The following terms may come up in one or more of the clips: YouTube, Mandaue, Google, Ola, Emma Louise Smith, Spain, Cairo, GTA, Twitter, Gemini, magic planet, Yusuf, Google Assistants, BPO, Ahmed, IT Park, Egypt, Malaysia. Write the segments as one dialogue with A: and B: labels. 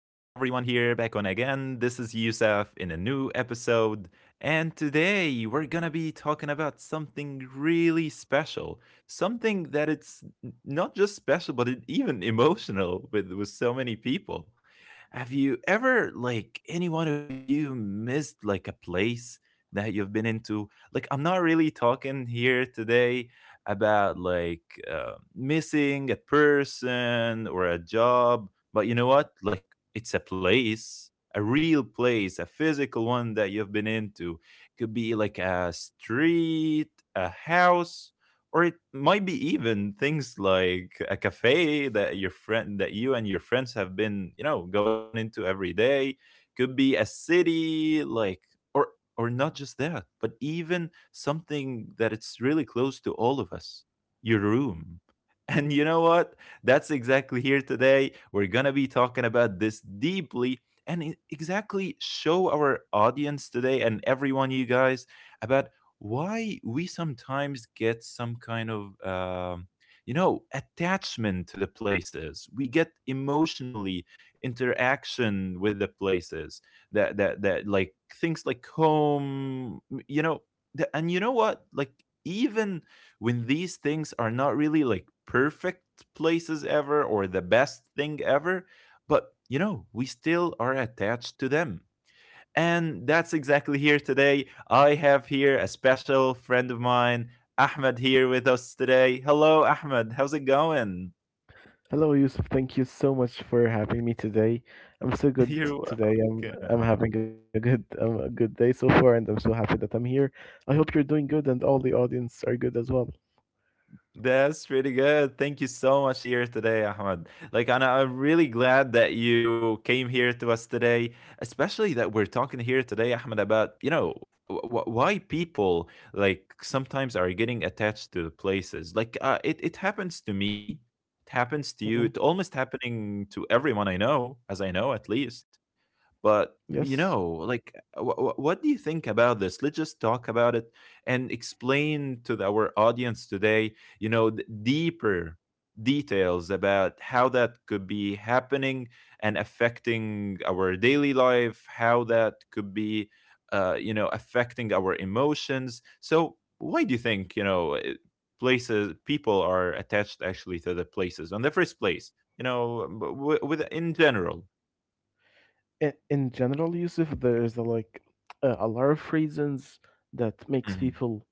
A: here, back on again. This is Yusuf in a new episode. And today we're gonna be talking about something really special. Something that it's not just special, but it, even emotional with so many people. Have you ever, like, any one of you missed, like, a place that you've been into? Like, I'm not really talking here today about like missing a person or a job. But you know what? Like, it's a place, a real place, a physical one that you've been into. Could be like a street, a house, or it might be even things like a cafe that your friend that you and your friends have been, you know, going into every day. Could be a city, like, or or not just that, but even something that it's really close to all of us, your room. And you know what? That's exactly here today. We're going to be talking about this deeply and exactly show our audience today and everyone, you guys, about why we sometimes get some kind of, attachment to the places. We get emotionally interaction with the places that, like, things like home, you know and you know what, like, even when these things are not really like perfect places ever or the best thing ever, but you know, we still are attached to them. And that's exactly here today. I have here a special friend of mine, Ahmed, here with us today. Hello, Ahmed, how's it going?
B: Hello, Yusuf. Thank you so much for having me today. I'm so good
A: You're
B: today. I'm
A: welcome.
B: I'm having a good a good day so far, and I'm so happy that I'm here. I hope you're doing good, and all the audience are good as well.
A: That's really good. Thank you so much here today, Ahmed. Like, and I'm really glad that you came here to us today, especially that we're talking here today, Ahmed, about, you know, why people like sometimes are getting attached to the places. Like, it happens to me, it happens to you, it
B: Hmm.
A: almost happening to everyone I know, as I know at least. But,
B: Yes.
A: you know, like, wh wh what do you think about this? Let's just talk about it and explain to our audience today, you know, the deeper details about how that could be happening and affecting our daily life, how that could be, affecting our emotions. So, why do you think, you know, people are attached actually to the places on the first place? You know, with, in general.
B: In general, Yusuf, there's like a lot of reasons that makes
A: Mhm.
B: people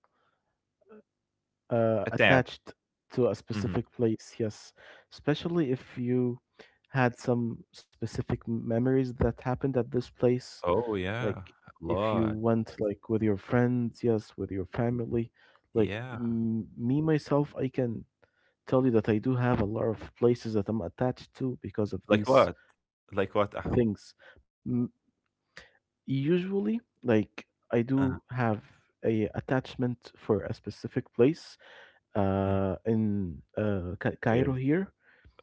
A: Attached.
B: attached to a
A: Mhm.
B: specific place. Yes, especially if you had some specific memories that happened at this place.
A: Oh, yeah,
B: Like
A: a
B: if you
A: lot.
B: went like with your friends, yes, with your
A: Y
B: family. Like
A: yeah.
B: me myself, I can tell you that I do have a lot of places that I'm attached to
A: Like
B: because of
A: what?
B: these
A: Like what, Ahmed?
B: things. M- Usually, like I
A: uh
B: do have a attachment for a specific place
A: Mm,
B: in Cairo
A: weird.
B: here.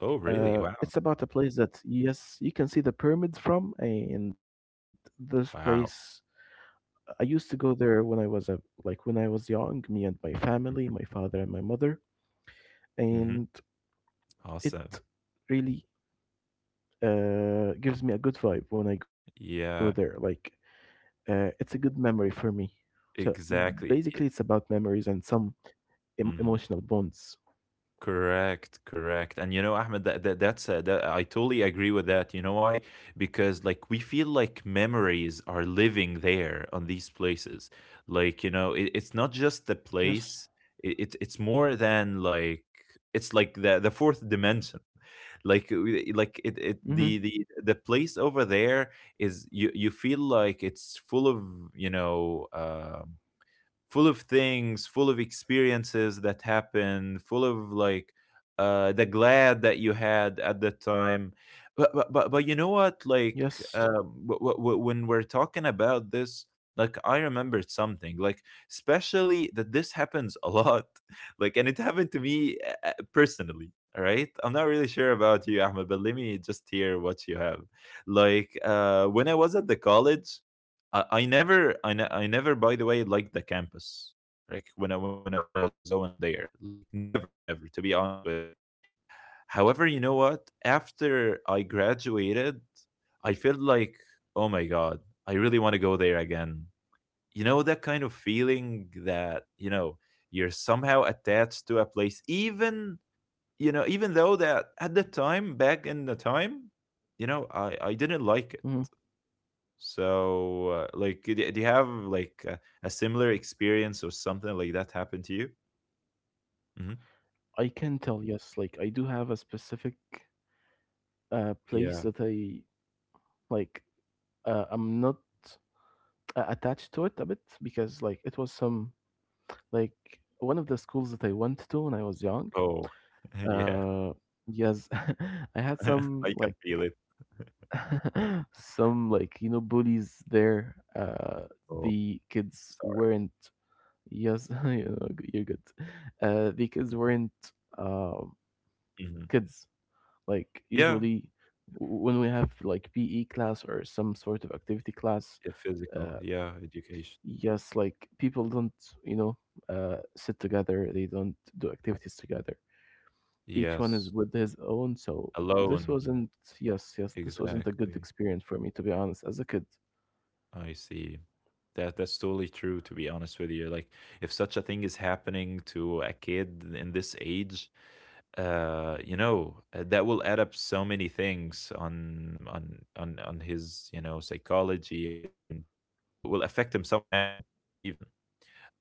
A: Oh, really? Wow.
B: It's about a place that yes, you can see the pyramids from, and this place
A: Wow.
B: I used to go there when I was a like when I was young, me and my family, my
A: Mhm.
B: father and my mother, and
A: Mhm.
B: it
A: Awesome.
B: really gives me a good vibe when I go there. Like
A: Yeah,
B: it's a good memory for me. So basically, it's about
A: exactly. Y
B: memories and some emotional
A: mhm.
B: bonds.
A: Correct, correct. And you know, Ahmed, that that that's a that I totally agree with that. You know why? Because, like, we feel like memories are living there on these places. Like, you know, it's not
B: Yes.
A: just the place. It's more than like, it's like the fourth dimension, like, like, it
B: Mm-hmm.
A: the place over there is, you feel like it's full of, you know um full of things, full of experiences that happened, full of, like, the glad that you had at the time. But you know what?
B: Yes.
A: Like, when we're talking about this, like, I remembered something. Like, especially that this happens a lot. Like, and it happened to me, personally. All right, I'm not really sure about you, Ahmed, but let me just hear what you have. Like, when I was at the college. I never, by the way, liked the campus, like, when I was going
B: Oh,
A: there, like, never, never, to be honest with you. However, you know what? After I graduated, I felt like, oh my god, I really want to go there again. You know that kind of feeling that, you're somehow attached to a place, even, even though that at the time, back in the time, I didn't
B: mhm.
A: like it. So, like, do you have like a similar experience or something like that happened to you? Hmm.
B: I can tell. Yes, like I do have a specific place that I
A: Yeah.
B: like. I'm not attached to it a bit because like it was some like one of the schools that I went to when I was young.
A: Oh, yeah.
B: Uh, yes, I had some
A: I can
B: like
A: feel it.
B: some like you know bullies there.
A: Oh,
B: The kids
A: sorry.
B: weren't. Yes, you know, you're good. The kids weren't um
A: Hmm.
B: kids. Like
A: Yeah.
B: usually, when we have like PE class or some sort of activity
A: Yeah.
B: class,
A: Physical.
B: uh,
A: Yeah. Education.
B: yes, like people don't you know sit together. They don't do activities together. Each one
A: Yes.
B: is with his own. So
A: Alone.
B: this wasn't yes, this wasn't a
A: Exactly.
B: good experience for me to be honest as a kid.
A: I see. That's totally true, to be honest with you. Like, if such a thing is happening to a kid in this age, that will add up so many things on his, you know, psychology, and will affect him somehow, even.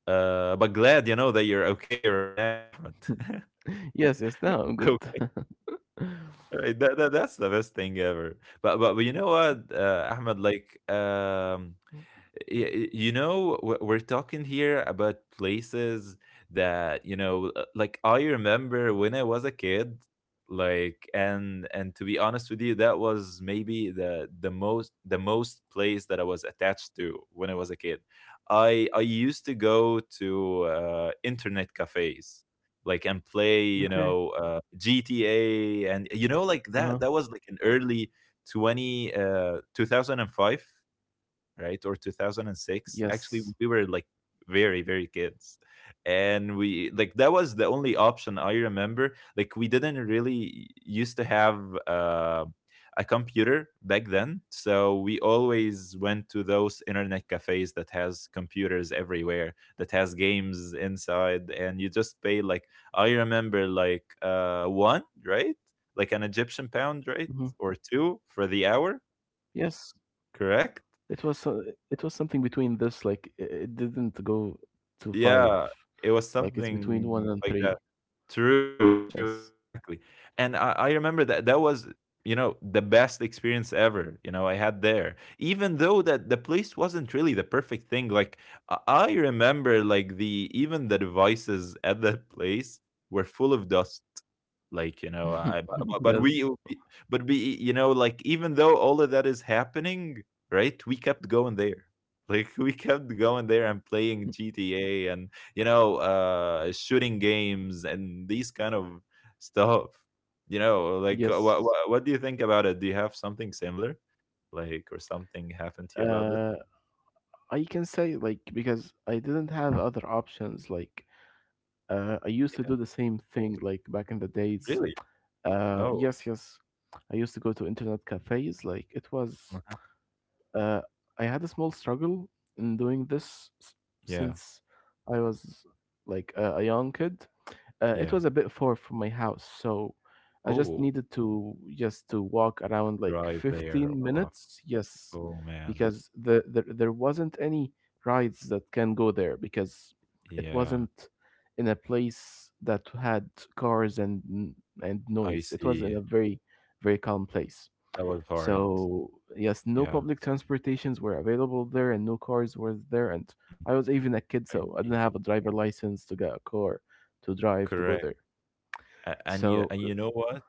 A: But glad, you know, that you're okay right now, Ahmed.
B: Yes, yes. Now I'm
A: Oh,
B: good.
A: right, that's the best thing ever. But you know what, Ahmed, like, yeah, you know, we're talking here about places that, like, I remember when I was a kid, like, and to be honest with you, that was maybe the most place that I was attached to when I was a kid. I used to go to, internet cafes, like, and play,
B: Okay.
A: gta, and like that
B: Uh-huh.
A: was like an early 20 2005, right? Or 2006.
B: Yes.
A: Actually, we were like very, very kids. And we, like, that was the only option I remember. Like, we didn't really used to have, a computer back then. So we always went to those internet cafes that has computers everywhere, that has games inside. And you just pay, like, I remember, like, one, right? Like an Egyptian pound, right?
B: Hmm.
A: Or two for the hour,
B: Yes.
A: correct?
B: It was it was something between this. Like it didn't go to five.
A: Yeah, it was
B: Like it's between one
A: something
B: and
A: like
B: three.
A: that. True, true,
B: Yes.
A: exactly. And I remember that that was, the best experience ever, I had there. Even though that the place wasn't really the perfect thing. Like, I remember, like, the even the devices at that place were full of dust. Like, you know, I but, but but we
B: Yes.
A: we- but we like, even though all of that is happening, right? We kept going there. Like, we kept going there and playing GTA and, shooting games and these kind of stuff. You know, like, what, what
B: Yes.
A: what do you think about it? Do you have something similar, like, or something happened to you? About this?
B: Uh, I can say like because I didn't have other options. Like I used to do the same thing like back in the
A: Yeah,
B: days.
A: really? Oh,
B: Yes. I used to go to internet cafes. Like it was
A: uh-huh.
B: uh, I had a small struggle in doing this
A: Yeah,
B: since I was like a young kid. It
A: yeah.
B: was a bit far from my house, so I just
A: Oh,
B: needed to just to walk around like
A: drive there
B: 15
A: or what?
B: minutes. Yes,
A: Oh man,
B: because the there wasn't any rides that can go there because it
A: yeah.
B: wasn't in a place that had cars and
A: I
B: noise. It was in a
A: see.
B: very calm place.
A: That was hard.
B: So yes, no
A: Yeah.
B: public transportations were available there, and no cars were there. And
A: Mm.
B: I was even a kid,
A: I
B: so I didn't
A: see.
B: have a driver license to get a car to drive to go
A: Correct.
B: there.
A: A- and you
B: So
A: and you know what,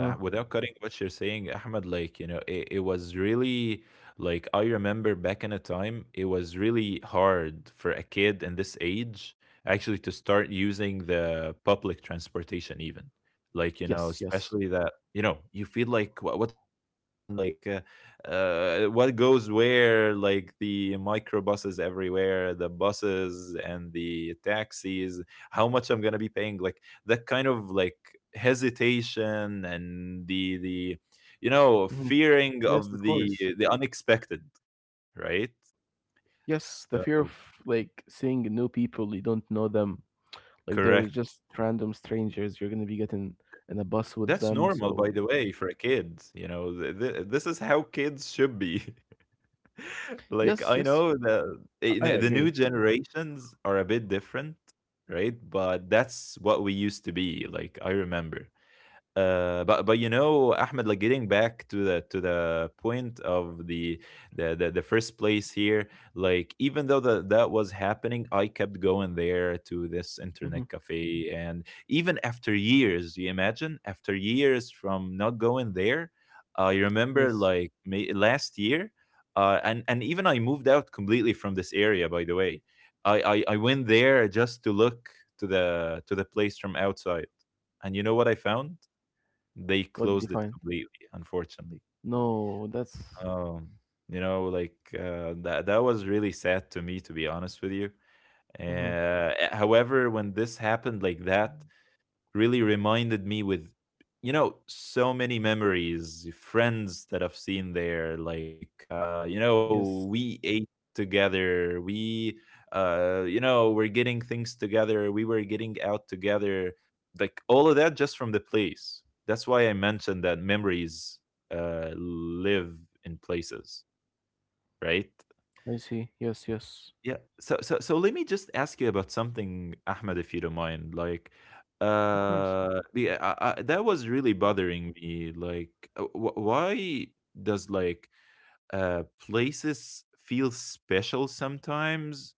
B: uh,
A: without cutting what you're saying, Ahmed, like, it was really, like, I remember back in a time, it was really hard for a kid in this age, actually, to start using the public transportation even, like,
B: yes, yes,
A: especially that, you feel like, What's going on?" Like, what goes where, like, the microbuses everywhere, the buses and the taxis, how much I'm gonna be paying, like, that kind of, like, hesitation, and the
B: hmm,
A: fearing
B: yes, of
A: of the
B: course,
A: the unexpected, right?
B: yes. The fear of
A: So,
B: like seeing new people, you don't know them. Like they're
A: correct,
B: just random strangers. You're gonna be getting in a bus with
A: that's
B: them.
A: normal,
B: So
A: by the way, for a kid. You know, this is how kids should be.
B: yes, yes,
A: Like, I know that,
B: I agree.
A: the new generations are a bit different, right? But that's what we used to be like, I remember. But you know, Ahmed, like, getting back to the point of the first place here, like, even though that that was happening, I kept going there to this
B: Hmm.
A: internet cafe, and even after years, you imagine, after years from not going there, I remember,
B: Yes.
A: like, may, last year, and even I moved out completely from this area. By the way, I went there just to look to the place from outside. And you know what I found? They
B: What did you
A: closed it
B: find?
A: completely, unfortunately.
B: No, that's.
A: Um, like, that was really sad to me, to be honest with you.
B: Hmm.
A: However, when this happened like that, really reminded me with, so many memories, friends that I've seen there, like,
B: Yes.
A: we ate together, we you know we're getting things together, we were getting out together, like, all of that just from the place. That's why I mentioned that memories, live in places, right?
B: I see. Yes, yes.
A: Yeah. So let me just ask you about something, Ahmed, if you don't mind. Like,
B: Of course.
A: that was really bothering me. Why does uh places feel special sometimes,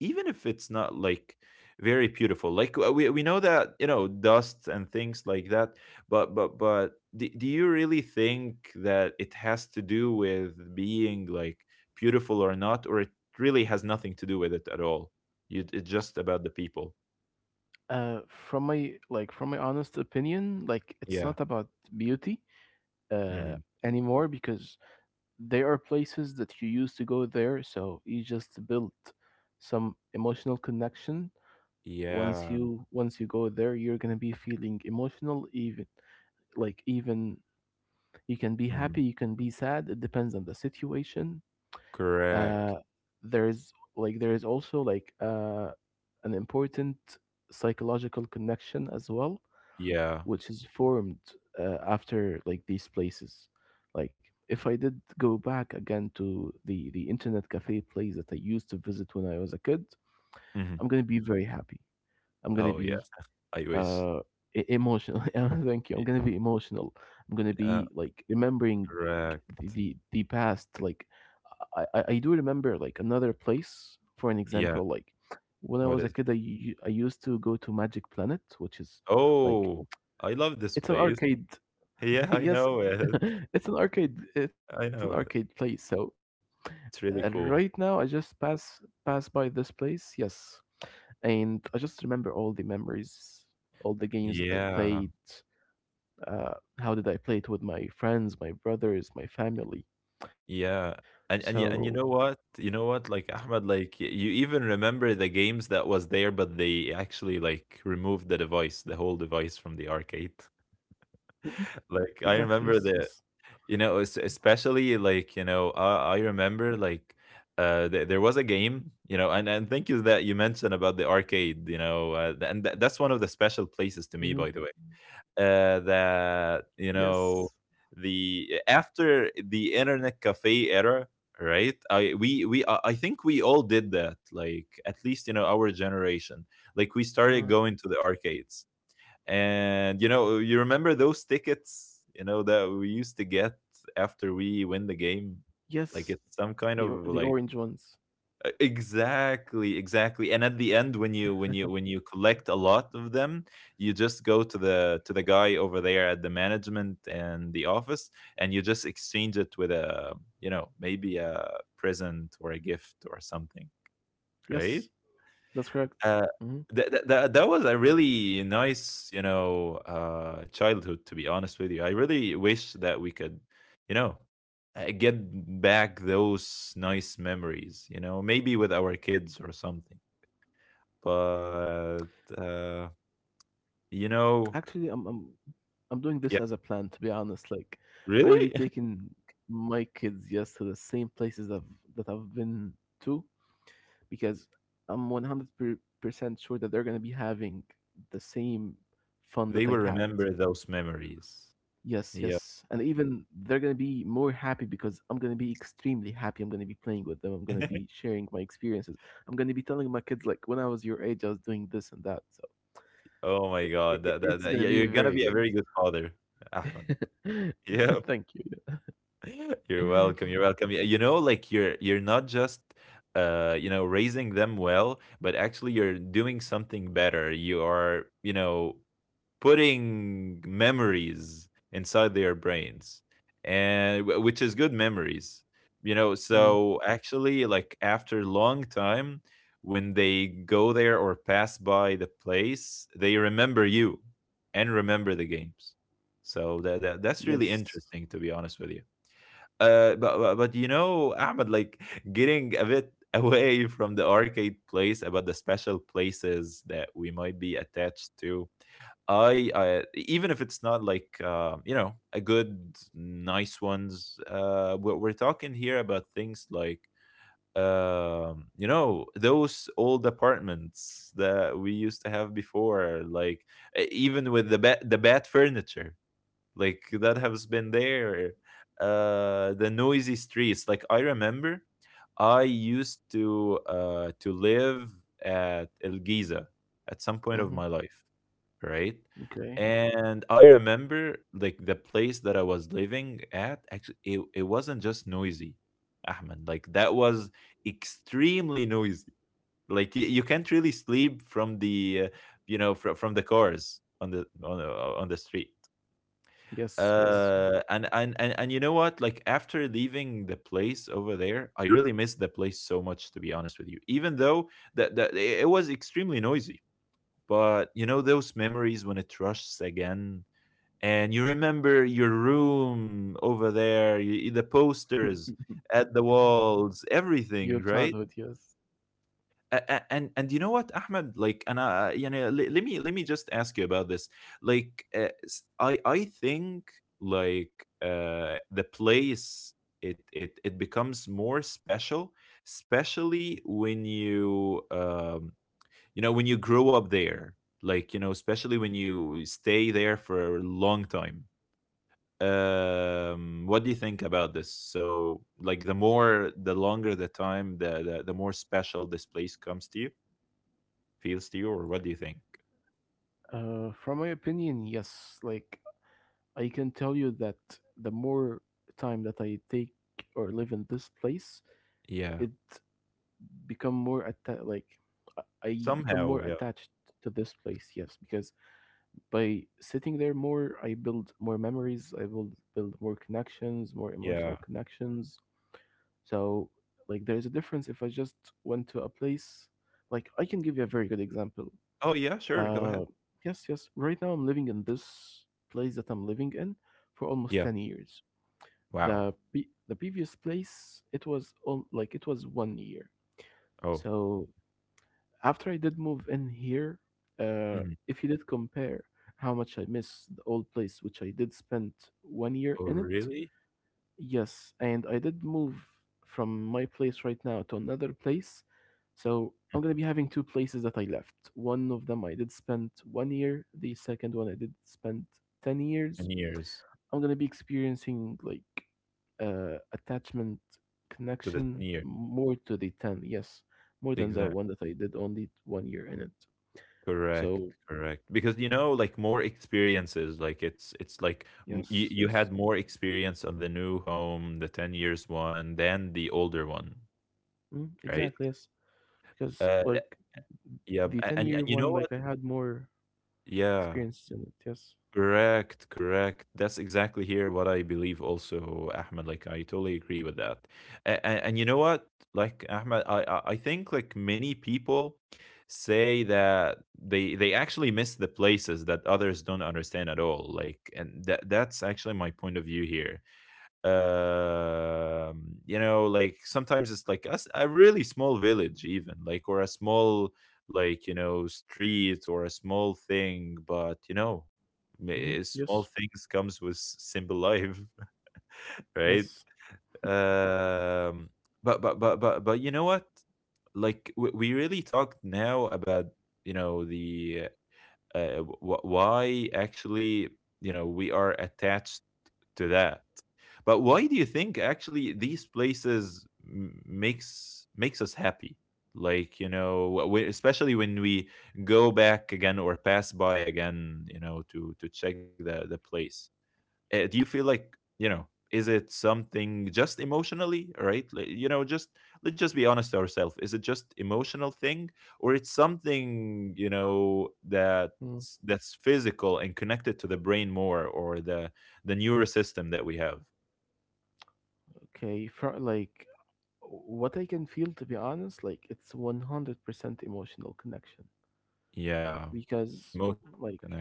A: even if it's not like very beautiful? Like we know that, you know, dust and things like that. But do you really think that it has to do with being like beautiful or not, or it really has nothing to do with it at all? It's just about the people.
B: From my like from my honest opinion, like it's
A: Yeah.
B: not about beauty uh
A: Mm.
B: anymore because there are places that you used to go there, so you just build some emotional connection. Once
A: Yeah.
B: you once you go there, you're gonna be feeling emotional, even like even you can be happy,
A: Mm.
B: you can be sad. It depends on the situation. Uh,
A: Correct.
B: there's like there is also like an important psychological connection as well,
A: Yeah.
B: which is formed after like these places. Like if I did go back again to the internet cafe place that I used to visit when I was a kid,
A: Hmm.
B: I'm gonna be very happy. I'm gonna
A: Oh,
B: be
A: yes, I wish.
B: uh emotional. I thank you, I'm
A: Y-
B: gonna be emotional, I'm gonna
A: uh,
B: be like remembering the the,
A: correct.
B: the past like I do remember like another place for an
A: Yeah.
B: example like when I
A: What
B: was
A: is
B: a
A: it?
B: kid I used to go to Magic Planet, which is like
A: Oh, I love this
B: it's an
A: place.
B: arcade.
A: Yeah, I know
B: Yes.
A: it.
B: It's an arcade,
A: I know
B: it's an
A: it.
B: arcade place. So
A: It's really cool.
B: right now I just pass by this place, yes, and I just remember all the memories, all the games that I
A: Yeah.
B: played uh, how did I play it with my friends, my brothers, my family.
A: Yeah.
B: So
A: And you know what? You know what? Like Ahmed, like you even remember the games that was there, but they actually like removed the device, the whole device from the arcade.
B: mhm, exactly,
A: Like I
B: yes, yes,
A: remember the, you know, especially like, you know, I remember like there was a game, you know, and thank you that you mentioned about the arcade. You know, that's one of the
B: mhm,
A: special places to me, by the way.
B: yes,
A: That, you know, the after the internet cafe era, right? I think we all did that, like at least, you know, our
B: uh,
A: generation, like we started going to the arcades. And you know, you remember those tickets, you know, that we used to get after we win the
B: yes.
A: game.
B: The
A: Like
B: or- the
A: it's some
B: orange
A: kind of
B: ones.
A: like E, exactly, exactly. And at the end, when you collect a lot of them, you just go to the guy over there at the management and the office, and you just exchange it with a, you know, maybe a present or a gift or something,
B: Yes,
A: right?
B: that's correct.
A: Uh,
B: Hmm.
A: that was a really nice, you know, childhood. To be honest with you, I really wish that we could, you know, get back those nice memories. You know, maybe with our kids or something. But uh, you know,
B: Actually, I'm doing this
A: yeah,
B: as a plan. To be honest, like I'm gonna be
A: really.
B: taking my kids yes to the same places that I've been to because I'm 100% sure that they're gonna be having the same fun
A: They
B: that I
A: will
B: had.
A: remember those memories.
B: Yes,
A: Yeah.
B: yes. And even they're gonna be more happy because I'm gonna be extremely happy. I'm gonna be playing with them. I'm gonna be sharing my experiences. I'm gonna be telling my kids like when I was your age, I was doing this and that. So
A: Oh my
B: I
A: God,
B: I
A: that that,
B: it's
A: that
B: gonna
A: yeah,
B: be
A: you're gonna
B: very
A: be a
B: good.
A: very good father, Ahmed. Yeah.
B: Thank you. Yeah.
A: You're welcome. You're welcome. Y- You know, like you're not just you know, raising them well, but actually you're doing something better. You are, you know, putting memories inside their brains. And which is good memories. You know,
B: Mm.
A: so actually, like after long time, when they go there or pass by the place, they remember you and remember the games. So that's really
B: Yes.
A: interesting, to be honest with you. But you know, Ahmed, like, getting a bit away from the arcade place, about the special places that we might be attached to. I Even if it's not like you know, a good nice ones. We're talking here about things like you know, those old apartments that we used to have before, like even with the bat furniture like that has been there. The noisy streets. Like, I remember I used to live at El Giza at some point of my
B: Hmm.
A: life, right?
B: Okay.
A: And I remember like the place that I was living at, actually, it wasn't just noisy, Ahmed. Like that was extremely noisy. Like you can't really sleep from the you know, from the cars on the street.
B: Yes, yes.
A: And you know what? Like after leaving the place over there, I really missed the place so much, to be honest with you, even though that that it was extremely noisy. But you know, those memories when it rushes again, and you remember your room over there, the posters at the walls, everything,
B: Your
A: right?
B: childhood, yes.
A: A- And you know what, Ahmed? Like, and you know, let me just ask you about this. Like s- I think like the place, it becomes more special, especially when you you know, when you grow up there. Like, you know, especially when you stay there for a long time. What do you think about this? So like the more, the longer the time, the more special this place comes to you. Feels to you, or what do you think?
B: From my opinion, yes. Like, I can tell you that the more time that I take or live in this place,
A: Yeah.
B: it become more atta- like I become more
A: Somehow, yeah.
B: attached to this place. Yes, because by sitting there more, I build more memories. I build more connections, more emotional
A: Yeah.
B: connections. So, like, there is a difference if I just went to a place. Like, I can give you a very good example.
A: Oh, yeah, sure, go
B: Uh,
A: ahead.
B: yes, yes. Right now, I'm living in this place that I'm living in for
A: Yeah.
B: almost 10 years.
A: Wow.
B: The previous place, it was on like it was 1 year.
A: Oh.
B: So after I did move in here,
A: Mhm.
B: if you did compare how much I miss the old place, which I did spend 1 year
A: Oh,
B: in it,
A: really?
B: yes, and I did move from my place right now to another place. So I'm gonna
A: Mhm.
B: be having two places that I left. One of them I did spend 1 year, the second one I did spend 10 years.
A: 10 years.
B: I'm gonna be experiencing like attachment
A: To the 10
B: connection
A: year.
B: more to the 10, yes, more than the
A: Exactly.
B: one that I did only 1 year in it.
A: Correct.
B: So,
A: Correct. Because you know, like more experiences, like it's like you,
B: yes,
A: you
B: yes,
A: had more experience on the new home, the 10 years one, than the older one,
B: mm,
A: right?
B: exactly, yes. Because
A: Uh,
B: like
A: yeah.
B: the 10
A: And
B: year
A: you know
B: one,
A: what?
B: like I had more
A: Yeah.
B: experience in it, yes.
A: Correct, correct. That's exactly here what I believe also, Ahmed. Like I totally agree with that. And, you know what? Like Ahmed, I think like many people say that they actually miss the places that others don't understand at all. Like, and that that's actually my point of view here. You know, like sometimes it's like us a really small village even, like, or a small, like, you know, street or a small thing, but you know, Ma-
B: Mm-hmm.
A: eh, small
B: Yes.
A: things comes with simple life. Right.
B: Yes.
A: Um, but you know what, like we really talked now about, you know, the why, actually, you know, we are attached to that. But why do you think, actually, these places makes us happy? Like, you know, especially when we go back again or pass by again, you know, to check the place. Do you feel like, you know? Is it something just emotionally, right? Like, you know, just, let's just be honest to ourselves. Is it just emotional thing, or it's something, you know, that
B: Mm.
A: that's physical and connected to the brain more, or the neural system that we have?
B: Okay, for like what I can feel, to be honest, like it's 100% emotional connection
A: Yeah,
B: because
A: emotional
B: like
A: connection.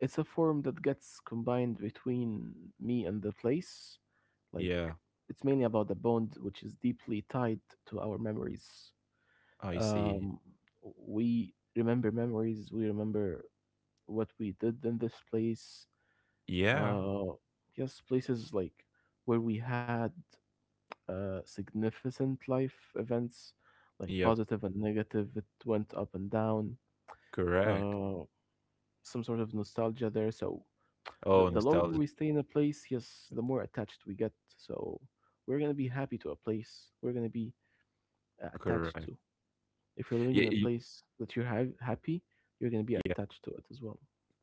B: it's a form that gets combined between me and the place. Like
A: Yeah,
B: it's mainly about the bond which is deeply tied to our memories
A: I see.
B: um, we remember memories, we remember what we did in this place
A: Yeah,
B: uh yes places like where we had significant life events like
A: yep,
B: positive and negative, it went up and down
A: correct.
B: uh some sort of nostalgia there, so the,
A: Oh,
B: the longer
A: nostalgia,
B: we stay in a place, yes, the more attached we get, so we're gonna be happy to a place, we're gonna be attached
A: correct.
B: to. If you're living in a
A: Yeah.
B: place that you're happy, you're gonna be attached to it as well.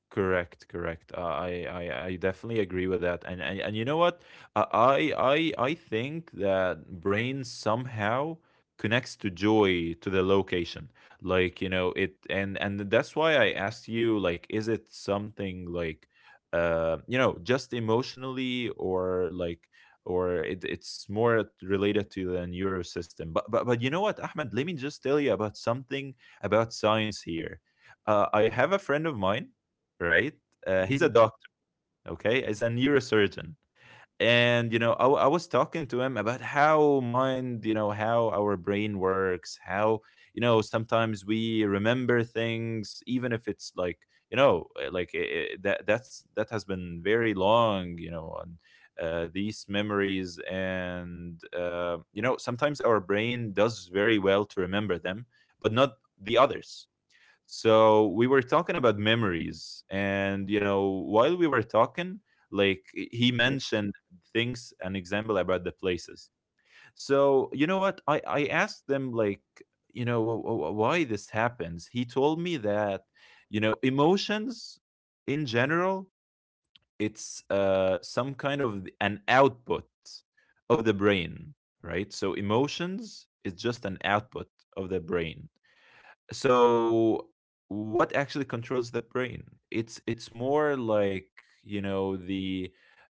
A: Correct, correct. I definitely agree with that. And you know what? I think that brain somehow connects to joy to the location. Like, you know it, and that's why I asked you. Like, is it something like you know, just emotionally, or like, or it, it's more related to the neuro system. But you know what, Ahmed? Let me just tell you about something about science here. I have a friend of mine, right? He's
B: Hmm.
A: a doctor, okay? He's a neurosurgeon. And, you know, I was talking to him about how mind, you know, how our brain works, how, you know, sometimes we remember things, even if it's like, you know, that, that's, that has been very long, you know, on these memories. And, you know, sometimes our brain does very well to remember them, but not the others. So we were talking about memories, and you know, while we were talking, like, he
B: Yes,
A: mentioned things, an example about the places. So you know what, I asked them like, you know, why this happens. He told me that, you know, emotions in general, it's some kind of an output of the brain, right? So emotions is just an output of the brain. So what actually controls the brain, it's more like, you know, the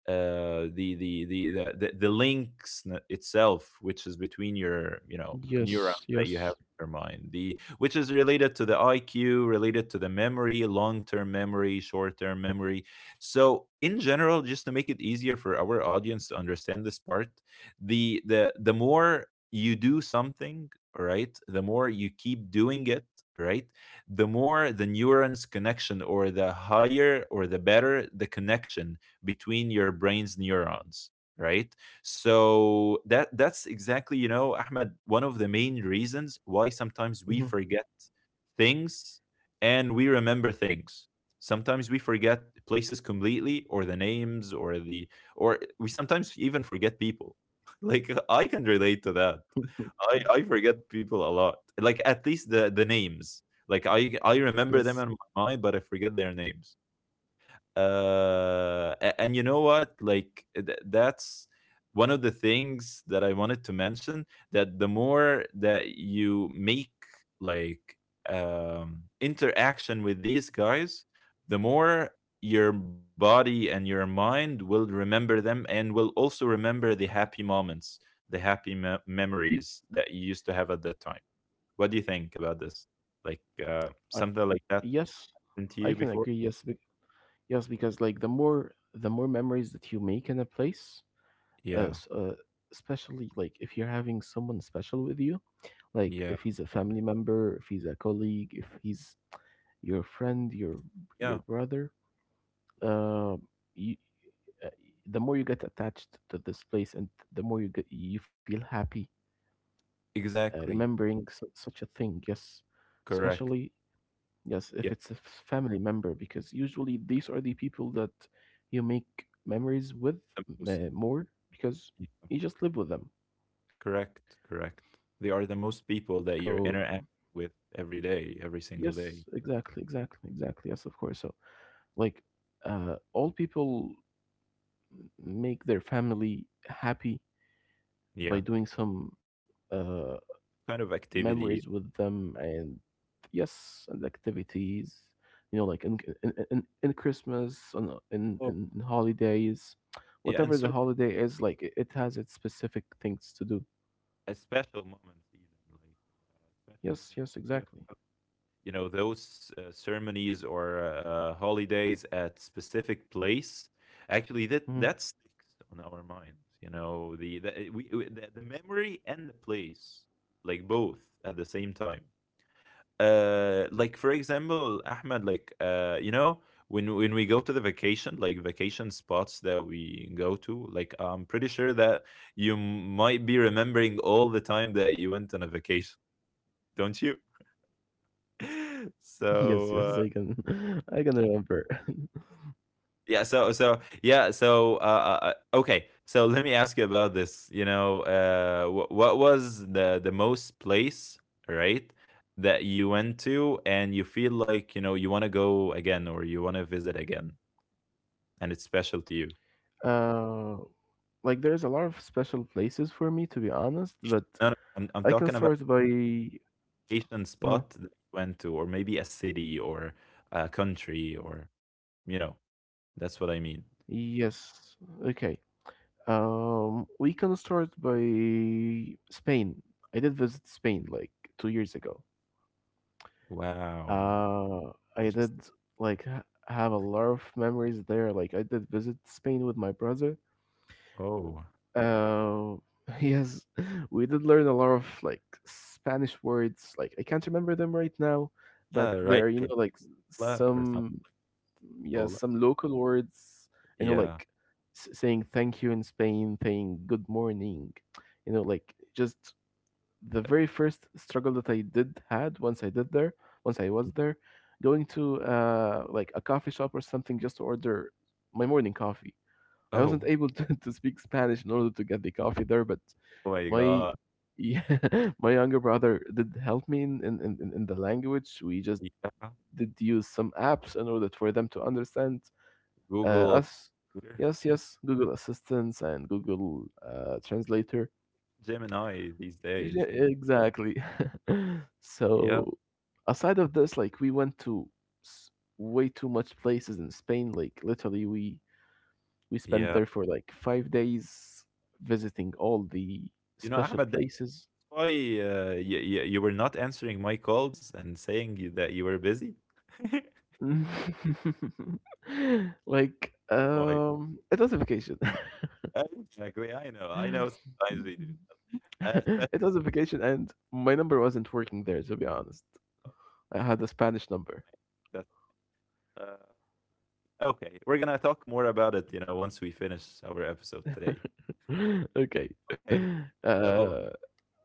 A: the links, itself, which is between your, you know, neurons
B: yes,
A: that you have
B: yes,
A: in your mind, the which is related to the IQ, related to the memory, long-term memory, short-term memory. So in general, just to make it easier for our audience to understand this part, the more you do something, right, the more you keep doing it, right, the more the neurons connection, or the higher, or the better the connection between your brain's neurons, right? So that's exactly, you know, Ahmed, one of the main reasons why sometimes we
B: hmm,
A: forget things, and we remember things. Sometimes we forget places completely, or the names, or the, or we sometimes even forget people. Like I can relate to that. I forget people a lot. Like, at least the names. Like, I remember them
B: yes,
A: in my mind, but I forget their names. And you know what, like, that's one of the things that I wanted to mention, that the more that you make, like, interaction with these guys, the more your body and your mind will remember them, and will also remember the happy moments, the happy memories that you used to have at that time. What do you think about this? Like
B: I,
A: something like that
B: yes.
A: happened to
B: I
A: you
B: can
A: before?
B: agree. Yes, yes, because like the more memories that you make in a place, uh,
A: Yeah.
B: s- uh, especially like if you're having someone special with you, like
A: Yeah.
B: if he's a family member, if he's a colleague, if he's your friend, your
A: Yeah.
B: brother, uh, you uh, the more you get attached to this place and the more you get you feel happy
A: Exactly.
B: remembering such a thing, yes,
A: Correct.
B: especially yes
A: Yeah,
B: if it's a family member because usually these are the people that you make memories with
A: the most.
B: more because
A: Yeah.
B: you just live with them.
A: Correct, correct. They are the most people
B: So
A: that you're interacting with every day, every
B: yes
A: single day.
B: exactly exactly exactly yes of course. So like all people make their family happy
A: Yeah.
B: by doing some uh
A: Kind of
B: memories
A: activity.
B: with them and yes and activities you know like in Christmas on
A: Oh,
B: in holidays,
A: yeah, and
B: whatever the
A: certain
B: holiday is like it has its specific things to do.
A: special moments even, like especially
B: Yes,
A: like,
B: yes,
A: you have,
B: exactly.
A: you know, those ceremonies or holidays at specific place. Actually, that that
B: Hmm.
A: sticks on our mind. You know the memory and the place, like both at the same time. Like, for example, Ahmed, like you know, when we go to the vacation, like vacation spots that we go to, like I'm pretty sure that you might be remembering all the time that you went on a vacation. Don't you?
B: Yes, yes, I
A: so uh,
B: can. I can remember.
A: Yeah, so yeah, uh, okay. So let me ask you about this. You know, what was the most place, right, that you went to and you feel like, you know, you want to go again or you want to visit again, and it's special to you?
B: Uh like there's a lot of special places for me to be honest but
A: No, no, I'm
B: I can
A: talking about
B: start by
A: Asian
B: uh
A: spot that you went to, or maybe a city or a country, or, you know, that's what I mean.
B: yes okay. We can start by Spain. I did visit Spain like 2 years ago.
A: Wow,
B: Uh, I
A: just
B: did like ha have a lot of memories there. Like I did visit Spain with my brother.
A: oh,
B: Uh, yes, we did learn a lot of Spanish words. Like I can't remember them right now,
A: yeah,
B: but
A: right,
B: there are, you know,
A: Ola or something,
B: some yes,
A: Ola,
B: some local words, you know,
A: yeah.
B: saying thank you in Spain, saying good morning, you know, like just the very first struggle that I did had once once I was there, going to like a coffee shop or something just to order my morning coffee. I wasn't
A: Oh,
B: able to, to speak Spanish in order to get the coffee there, but
A: oh my
B: my
A: God.
B: yeah, my younger brother did help me in the language. We just
A: Yeah.
B: did use some apps in order for them to understand. Uh,
A: Google,
B: us,
A: Twitter,
B: yes, yes, Google Assistants and Google Translator.
A: Gemini these
B: Yeah,
A: days. And
B: exactly.
A: yeah,
B: So, aside of this, like we went to s- way too much places in Spain. Like literally, we spent
A: yeah.
B: there for like 5 days visiting all the
A: You know,
B: special
A: Ahmed, that's
B: places.
A: why you were not answering my calls and saying that you were busy. Oh my
B: It was a vacation.
A: God. Exactly. I know. I know sometimes we do that. Uh,
B: It was a vacation, and my number wasn't working there, to be honest.
A: so-
B: I had a Spanish number.
A: that- uh, okay. We're going to talk more about it, you know, once we finish our episode today.
B: Okay.
A: Okay.
B: Uh,
A: So,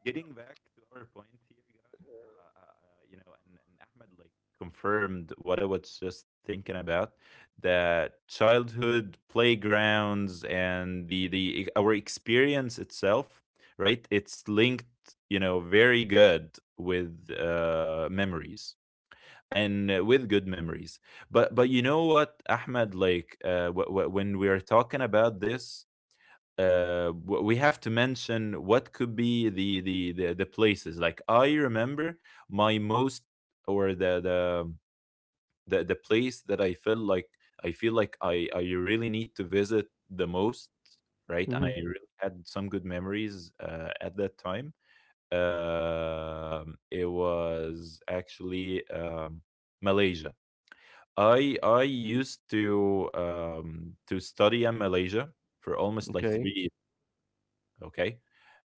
A: getting back to our point here, guys, you know, and Ahmed like confirmed what I was just thinking about, that childhood playgrounds and the our experience itself, right? It's linked, you know, very good with memories and with good memories. But you know what, Ahmed, like when we are talking about this, we have to mention what could be the, the places. Like I remember my most, or the place that I felt like I feel like I really need to visit the most, right? And I
B: mhm,
A: really had some good memories at that time. It was actually Malaysia. I used to study in Malaysia for almost like three
B: okay.
A: years. Okay,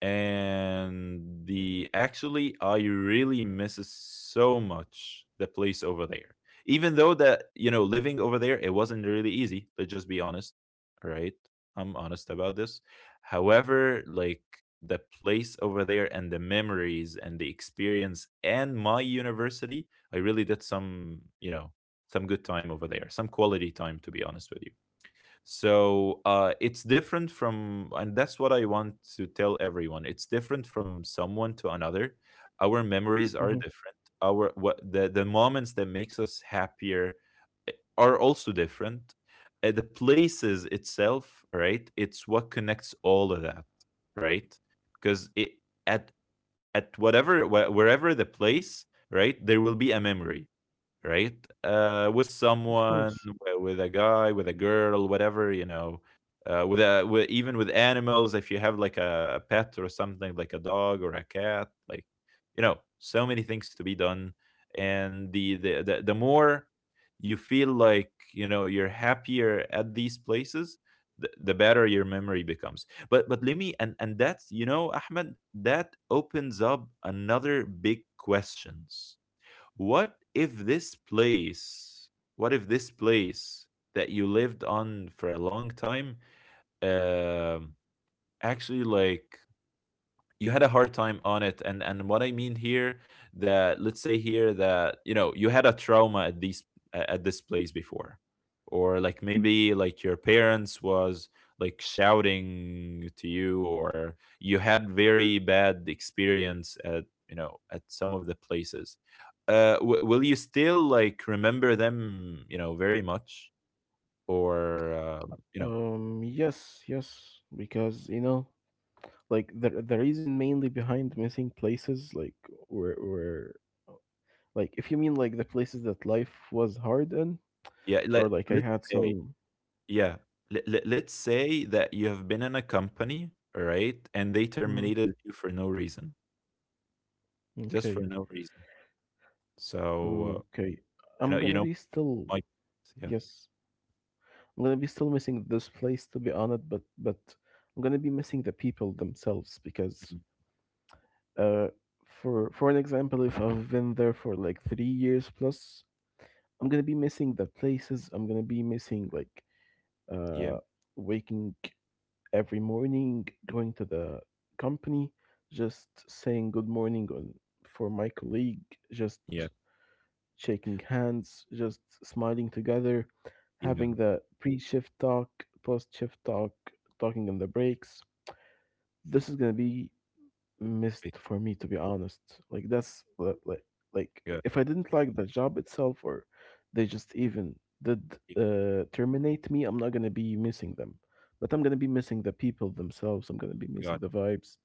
A: and the actually I really misses so much the place over there, even though that, you know, living over there, it wasn't really easy. Let's just be honest, right? Right, I'm honest about this. However, like, the place over there and the memories and the experience and my university, I really did, some, you know, some good time over there, some quality time, to be honest with you. It's different from, and that's what I want to tell everyone. It's different from someone to another. Our memories
B: Hmm.
A: are different. Our, what, the moments that makes us happier, are also different. The places itself, right? It's what connects all of that, right? Because it at at whatever, wherever the place, right, there will be a memory, right? With
B: Of
A: someone,
B: course.
A: with a guy, with a girl, whatever, you know, with a with, even with animals. If you have like a pet or something, like a dog or a cat, like, you know, so many things to be done, and the the more you feel like, you know, you're happier at these places, the better your memory becomes. But let me, and that's, you know, Ahmed, that opens up another big questions. What if this place, what if this place that you lived on for a long time, um, actually, like, you had a hard time on it. And what I mean here, that let's say here that, you know, you had a trauma at these at this place before, or like maybe like your parents was like shouting to you, or you had very bad experience at, you know, at some of the places, will you still like remember them, you know, very much, or you know,
B: Yes, yes, because you know, like the reason mainly behind missing places, like where like if you mean like the places that life was hard in,
A: yeah,
B: or like I
A: let's
B: had
A: say,
B: some.
A: yeah, let's say that you have been in a company, all right, and they
B: Mhm.
A: terminated you for no reason, just for
B: Okay.
A: no reason. So
B: Okay.
A: uh,
B: I'm
A: you
B: gonna
A: know,
B: be still.
A: my, yeah,
B: Yes. I'm gonna be still missing this place to be honest, but I'm gonna be missing the people themselves because
A: mhm,
B: uh for an example, if I've been there for like 3 years plus, I'm gonna be missing the places. I'm gonna be missing like
A: yeah,
B: uh waking every morning, going to the company, just saying good morning on for my colleague, just
A: yeah,
B: shaking hands, just smiling together,
A: yeah,
B: having the pre shift talk, post shift talk, talking in the breaks. This is gonna be
A: I-
B: missed for me, to be honest. Like, that's li- like, like
A: yeah,
B: if I didn't like the job itself or they just even did
A: yeah,
B: terminate me, I'm not gonna be missing them. But I'm gonna be missing the people themselves. I'm gonna be
A: got
B: missing
A: it.
B: the vibes.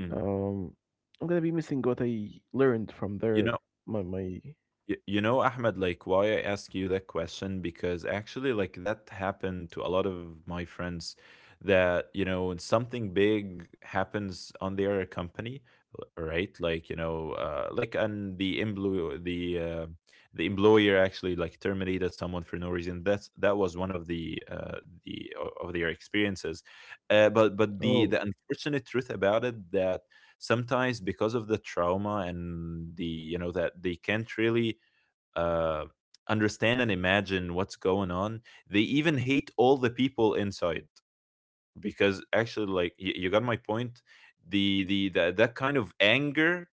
A: Mm.
B: Um, I'm gonna be missing what I learned from
A: You
B: their
A: know,
B: my my
A: You know, Ahmed, like, why I ask you that question, because actually, like, that happened to a lot of my friends that, you know, when something big happens on their company, right? Like, you know, like, and the employer actually like terminated someone for no reason. That's, that was one of the of their experiences. But the
B: Oh,
A: unfortunate truth about it, that sometimes, because of the trauma and the, you know, that they can't really uh, understand and imagine what's going on. They even hate all the people inside, because actually, like, you got my point. The, that kind of anger,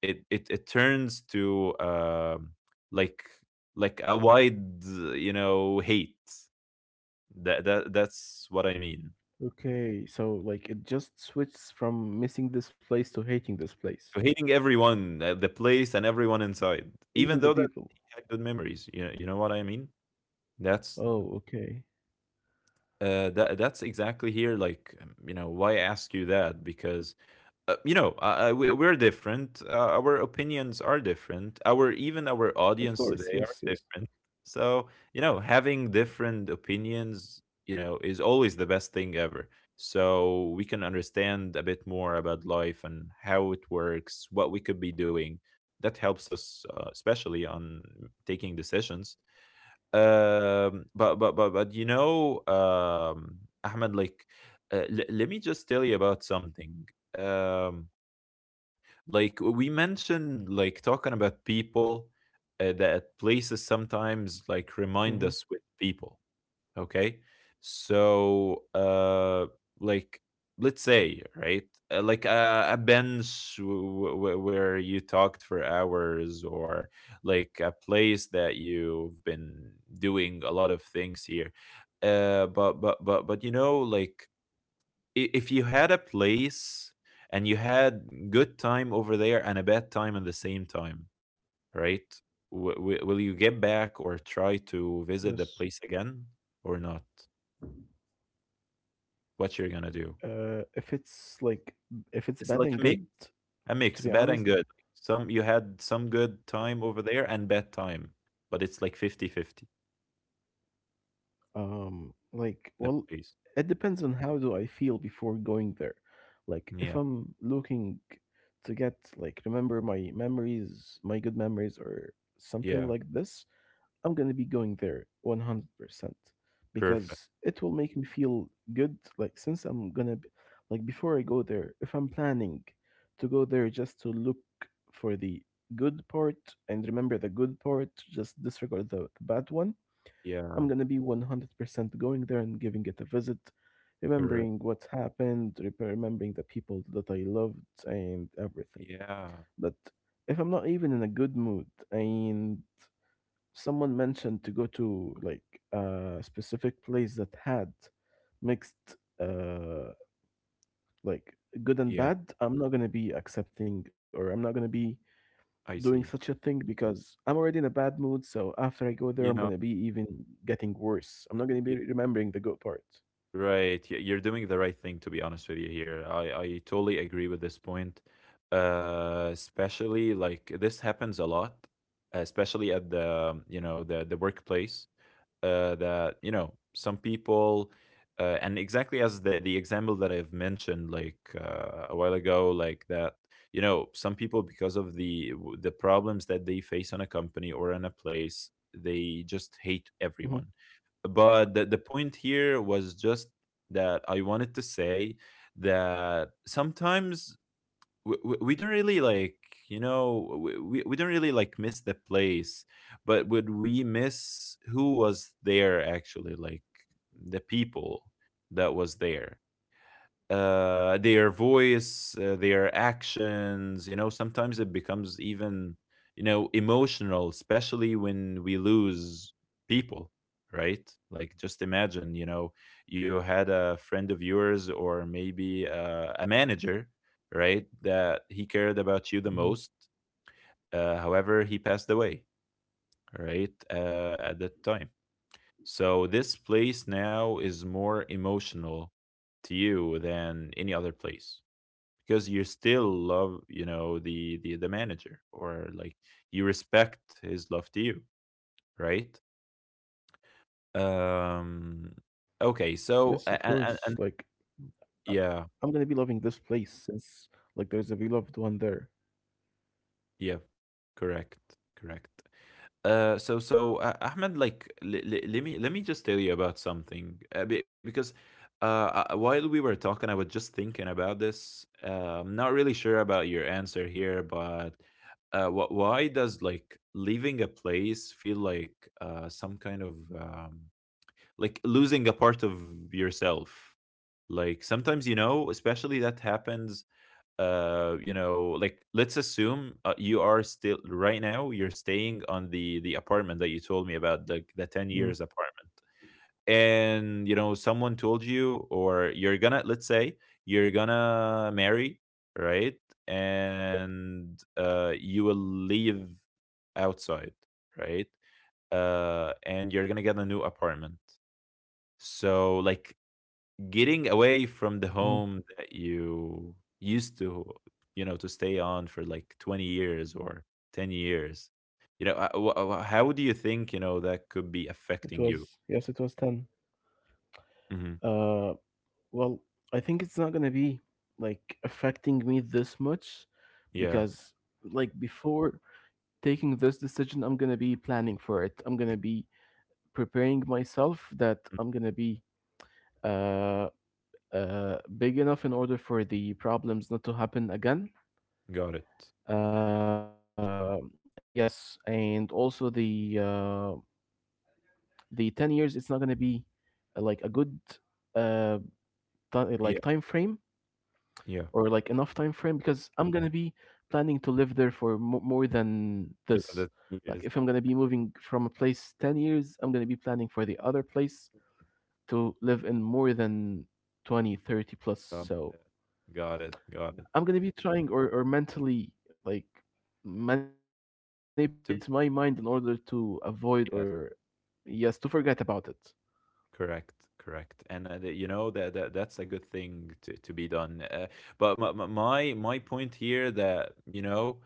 A: it turns to like like a wide, you know, hate. That's what I mean.
B: okay. So, like, it just switches from missing this place to hating this place.
A: So, hating everyone, the place, and everyone inside,
B: Even
A: even
B: the
A: though that
B: people.
A: he had good memories. You know what I mean. That's
B: Oh, okay.
A: That that's exactly here. Like you know, why I ask you that, because you know, we, we're different. Our opinions are different.
B: Of
A: Our,
B: course.
A: even
B: Yes,
A: our
B: yes.
A: audience today are different. So, you know, having different opinions, you know, is always the best thing ever. So we can understand a bit more about life and how it works, what we could be doing. That helps us, especially on taking decisions. But you know, Ahmed, like, let me just tell you about something. Um, like we mentioned, like, talking about people, that places
B: Mm-hmm.
A: sometimes like remind us with people. Okay. So, like, let's say, right, like a bench where you talked for hours, or like a place that you've been doing a lot of things here. But you know, like, if you had a place and you had good time over there and a bad time at the same time, right? Will you get back or
B: Yes.
A: try to visit the place again or not? What you're gonna
B: Uh,
A: do.
B: if it's like, if it's bad and good,
A: It's like a mix,
B: to be
A: a mix,
B: honest,
A: bad and good. Some you had some good time over there and bad time, but it's like 50-50.
B: Like,
A: The
B: well,
A: place.
B: it depends on how do I feel before going there. Like, if
A: Yeah,
B: I'm looking to get like remember my memories, my good memories, or something
A: yeah,
B: like this, I'm gonna be going there 100%
A: perfect.
B: because it will make me feel good. Like, since I'm gonna b- like before I go there, if I'm planning to go there just to look for the good part and remember the good part, just disregard the bad one I'm
A: Yeah,
B: gonna be 100% going there and giving it a visit,
A: correct.
B: remembering what happened, remembering the people that I loved, and everything.
A: Yeah,
B: But if I'm not even in a good mood, and someone mentioned to go to like a specific place that had mixed, like good and
A: yeah,
B: bad, I'm not gonna be accepting, or I'm not gonna be doing
A: I
B: such a
A: see.
B: thing because I'm already in a bad mood. So after I go there, I'm
A: You
B: gonna
A: know,
B: be even getting worse. I'm not gonna be
A: y
B: remembering the good part.
A: right, y you're doing the right thing, to be honest with you here. I totally agree with this point, especially like this happens a lot, especially at the, you know, the workplace. That you know some people, and exactly as the example that I've mentioned, like a while ago, like, that you know some people because of the the problems that they face on a company or in a place, they just
B: Hmm.
A: hate everyone. But the point here was just that I wanted to say that sometimes we don't really like, you know, we don't really like miss the place, but would we miss who was there? Actually, like, the people that was there, their voice, their actions. You know, sometimes it becomes even, you know, emotional, especially when we lose people, right? Like, just imagine, you know, you had a friend of yours or maybe a manager, right, that he cared
B: Hmm.
A: about you the most. However, he passed away, right? At that time. So this place now is more emotional to you than any other place, because you still love, you know, the manager, or like, you respect his love to you, right? um
B: Yes, of
A: okay,
B: course.
A: so and
B: I- I'm gonna be loving
A: yeah,
B: this place since like there's a beloved one there.
A: yeah, correct, correct. Ahmed, like, let me just tell you about something because while we were talking, I was just thinking about this. I'm not really sure about your answer here, but why does like leaving a place feel like some kind of like losing a part of yourself? Like, sometimes, you know, especially that happens, you know, like, let's assume, you are still right now, you're staying on the apartment that you told me about, the 10
B: Mm,
A: years apartment. And you know, someone told you, or you're gonna, let's say, you're gonna marry, right, and you will leave outside, right, and you're gonna get a new apartment. So, like, getting away from the
B: mhm.
A: home that you used to, you know, to stay on for like 20 years or 10 years. You know, how do you think, you know, that could be
B: It
A: affecting you?
B: was yes, it was ten.
A: Hmm.
B: Uh, well, I think it's not gonna be like affecting me this much
A: Yeah.
B: because like before taking this decision, I'm gonna be planning for it. I'm gonna be preparing myself that
A: Mm,
B: I'm gonna be uh big enough in order for the problems not to happen again.
A: got it.
B: Uh, yes, and also the 10 years it's not going to be like a good uh like time
A: Yeah.
B: frame
A: Yeah.
B: or like enough time frame because I'm going to be planning to live there for more than
A: Whether
B: this
A: that
B: like
A: is,
B: if I'm going to be moving from a place 10 years I'm going to be planning for the other place to live in more than 20, 30 plus
A: um,
B: so
A: uh, got it. Got it.
B: I'm going to be trying or mentally like manipulate my mind in order
A: To,
B: to avoid or yes to
A: yes.
B: forget about it.
A: Correct, correct, and you know that that's a good thing to be done, but my point here that you know,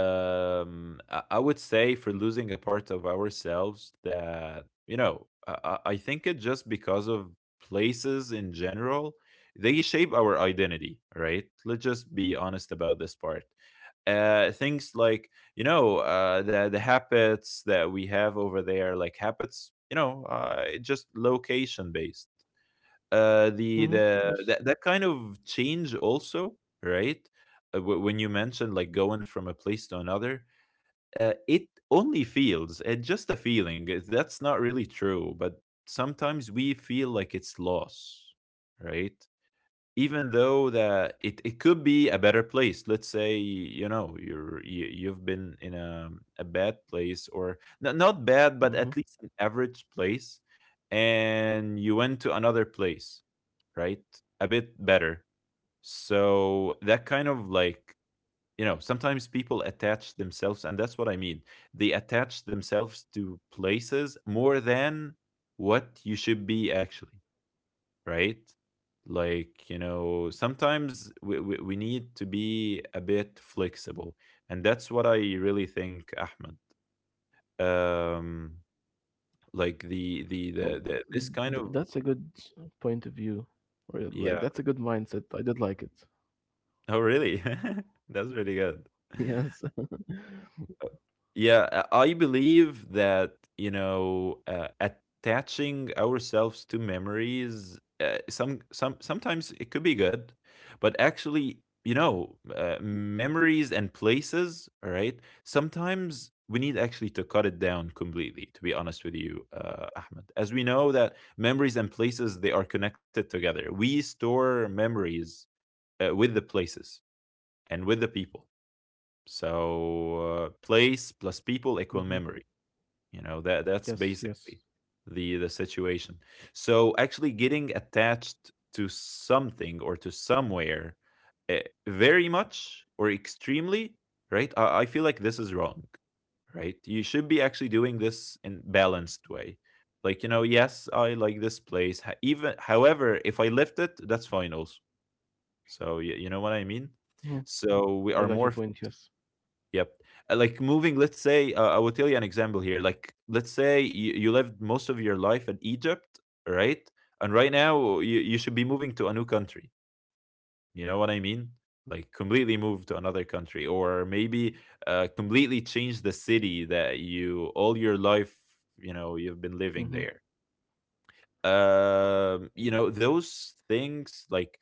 A: I would say for losing a part of ourselves that you know, I think it just because of places in general, they shape our identity, right? Let's just be honest about this part. Things like you know the habits that we have over there like habits you know it's just location based,
B: Mm-hmm.
A: the
B: Yes.
A: the that, that kind of change also, right. When you mentioned like going from a place to another, it only feels it's just a feeling, that's not really true, but sometimes we feel like it's loss, right, even though that it could be a better place. Let's say you know you've been in a, bad place, or not, not bad, but at least an average place, and you went to another place, right, a bit better. So that kind of like, you know, sometimes people attach themselves, and that's what I mean, they attach themselves to places more than what you should be actually, right? Like, you know, sometimes we need to be a bit flexible. And that's what I really think, Ahmed. Um, like
B: Well,
A: this kind of,
B: that's a good point of view, or like
A: yeah.
B: that's a good mindset. I did like it.
A: Oh, really? That's really good.
B: Yes.
A: Uh, Yeah, I believe that, you know, attaching ourselves to memories, uh, sometimes it could be good, but actually, you know, memories and places, all right? Sometimes we need actually to cut it down completely, to be honest with you, Ahmed. As we know that memories and places, they are connected together. We store memories with the places and with the people. So place plus people equal memory.
B: Hmm.
A: You know that that's
B: Yes.
A: basically
B: Yes.
A: the situation. So actually getting attached to something or to somewhere, uh, very much or extremely, right? I feel like this is wrong, right? You should be actually doing this in balanced way. Like you know, yes, I like this place. Even however, if I left it, that's fine also. So you know what I mean.
B: Hmm.
A: So we are
B: I
A: more.
B: got your point. Yes.
A: Yep. Like moving, let's say, I will tell you an example here. Like, let's say you lived most of your life in Egypt, right? And right now you should be moving to a new country. You know what I mean? Like, completely move to another country, or maybe completely change the city that you all your life, you know, you've been living there.
B: Hmm.
A: You know, those things like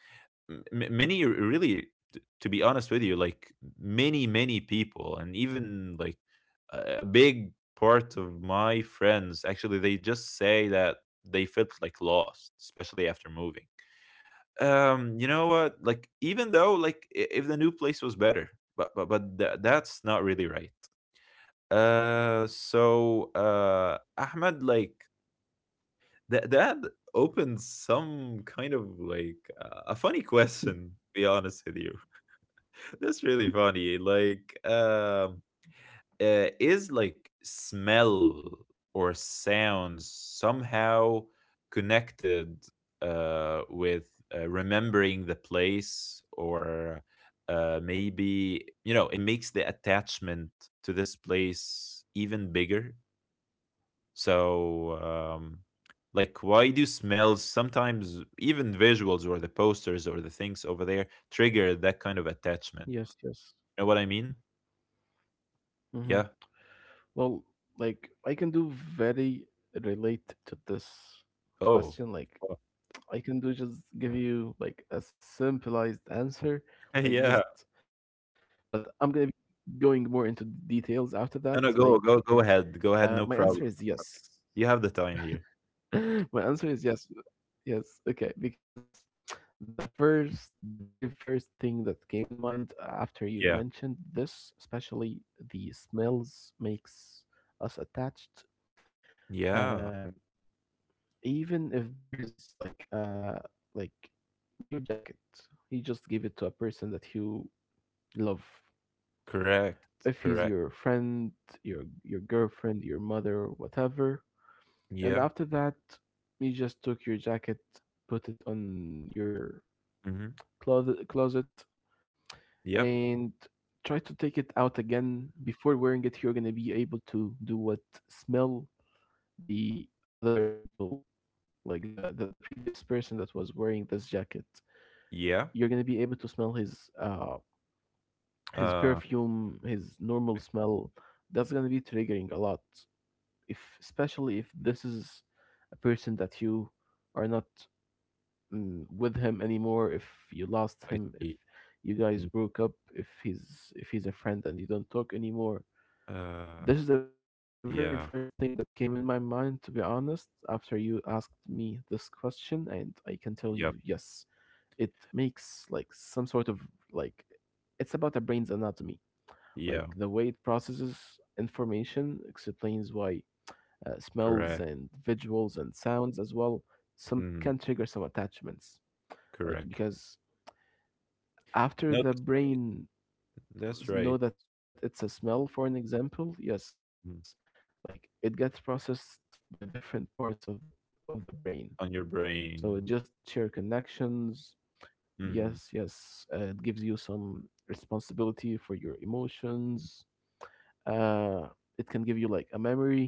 A: really, to be honest with you, like many people and even like a big part of my friends, actually they just say that they felt like lost, especially after moving. You know what, like, even though like, if the new place was better, but that's not really right. So Ahmed, like, that that opens some kind of like a funny question, to be honest with you. That's really funny, like, is like smell or sound somehow connected with remembering the place, or maybe you know it makes the attachment to this place even bigger. So, like, why do smells sometimes, even visuals or the posters or the things over there, trigger that kind of attachment?
B: Yes.
A: You
B: Yes.
A: know what I mean?
B: Hmm.
A: Yeah.
B: Well, like I can do very relate to this
A: Oh.
B: question. Like
A: Oh.
B: I can do just give you like a simplified answer. Like
A: Yeah.
B: just, but I'm gonna be going more into details after
A: No,
B: that.
A: no. Go,
B: Like
A: go, go ahead. Go ahead. No
B: my
A: problem.
B: answer is yes.
A: You have the time here.
B: My answer is yes. Yes. Okay. Because the first, the very first thing that came in mind after you
A: Yeah.
B: mentioned this, especially the smells, makes us attached.
A: Yeah.
B: Uh, even if there is like your jacket, you just give it to a person that you love.
A: Correct.
B: If he's
A: Correct.
B: your friend, your girlfriend, your mother, whatever, and
A: Yeah.
B: after that, you just took your jacket, put it on your
A: Mm-hmm.
B: closet and
A: Yep.
B: try to take it out again before wearing it you're going to be able to do what smell the other people like the previous person that was wearing this jacket you're
A: Yeah.
B: going to be able to smell his
A: Uh,
B: perfume his normal
A: I.
B: smell that's going to be triggering a lot if especially if this is a person that you are not mm, with him anymore if you lost
A: I
B: him if
A: see.
B: you
A: Mm.
B: guys broke up if he's a friend and you don't talk anymore.
A: Uh,
B: This is the very first thing that
A: yeah.
B: came in my mind to be honest after you asked me this question and I can tell you yes
A: Yep.
B: it makes like some sort of like it's about the brain's anatomy like
A: Yeah.
B: the way it processes information explains why smells
A: Correct.
B: and visuals and sounds as well some
A: Mm.
B: can trigger some attachments like
A: Correct.
B: because after
A: No,
B: the
A: that's right.
B: brain
A: That's right.
B: know that it's a smell for an example yes like
A: Mm.
B: it gets processed by different parts of the brain so it
A: On
B: just
A: your
B: share
A: brain.
B: connections yes yes it
A: Mhm.
B: gives you some responsibility for your emotions uh it can give you like a memory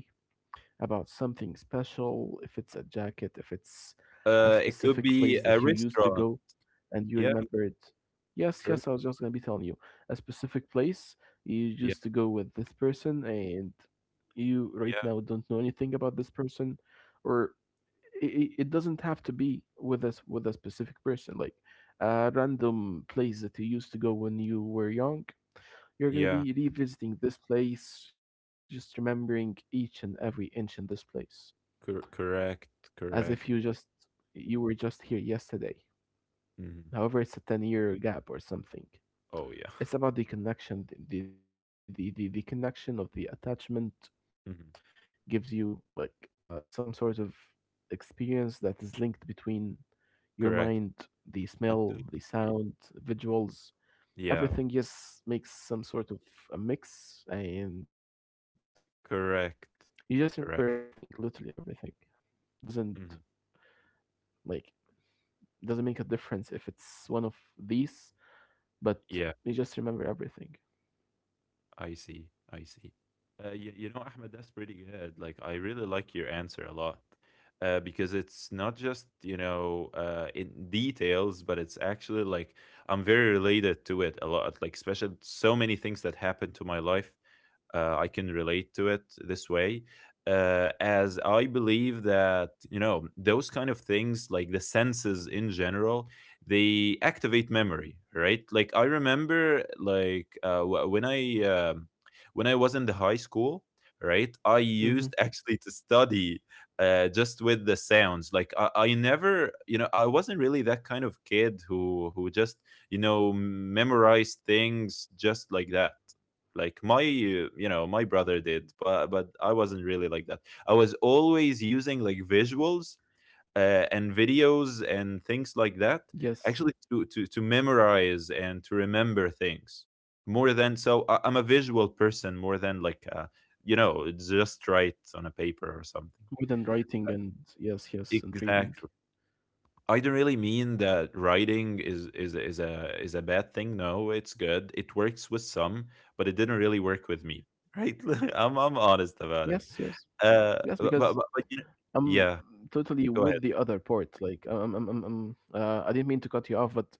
B: about something special if it's a jacket if it's a specific place
A: It
B: that you
A: could
B: used
A: be
B: to
A: a
B: go
A: restaurant.
B: and you remembered.
A: Yeah,
B: Yes, yes, I was just gonna
A: correct.
B: be telling you a specific place you used to
A: Yeah,
B: go with this person, and you right now
A: yeah,
B: don't know anything about this person, or it doesn't have to be with us with a specific person, like a random place that you used to go when you were young. You're gonna
A: yeah.
B: be revisiting this place, just remembering each and every inch in this place,
A: Cor correct,
B: as if
A: correct.
B: you were just here yesterday.
A: Mhm.
B: However, it's a 10 year gap or something.
A: Oh, yeah.
B: It's about the connection, the connection of the attachment gives
A: Mhm.
B: you like some sort of experience that is linked between your mind, the
A: Correct.
B: smell, the
A: And to
B: sound,
A: the movie.
B: visuals, everything
A: Yeah,
B: just makes some sort of a mix and you just remember
A: correct.
B: everything, literally everything.
A: Correct.
B: Doesn't
A: Mhm.
B: like doesn't make a difference if it's one of these, but you just remember
A: Yeah.
B: everything.
A: I see. I see. You know, Ahmed, that's pretty good. Like, I really like your answer a lot, because it's not just, you know, in details, but it's actually like I'm very related to it a lot. Like, especially so many things that happened to my life, I can relate to it this way, as I believe that you know those kind of things, like the senses in general, they activate memory, right? Like I remember, like when I was in the high school, right? I
B: Mm-hmm.
A: used actually to study just with the sounds. Like I never, you know, I wasn't really that kind of kid who just you know memorized things just like that, like my you know my brother did, but I wasn't really like that. I was always using like visuals, and
B: Yes.
A: videos and things like that, actually to memorize and to remember things more. Than so I'm a visual person more than like you know just write on a
B: More than
A: paper or
B: writing
A: something,
B: and yes, yes, and reading.
A: exactly. I don't really mean that writing is a bad thing. No, it's good. It works with some, but it didn't really work with me. Right? I'm honest about it.
B: Yes, yes, yes. Because
A: But you know,
B: I'm
A: yeah.
B: totally
A: Go ahead.
B: with the other part. Like, I didn't mean to cut you off, but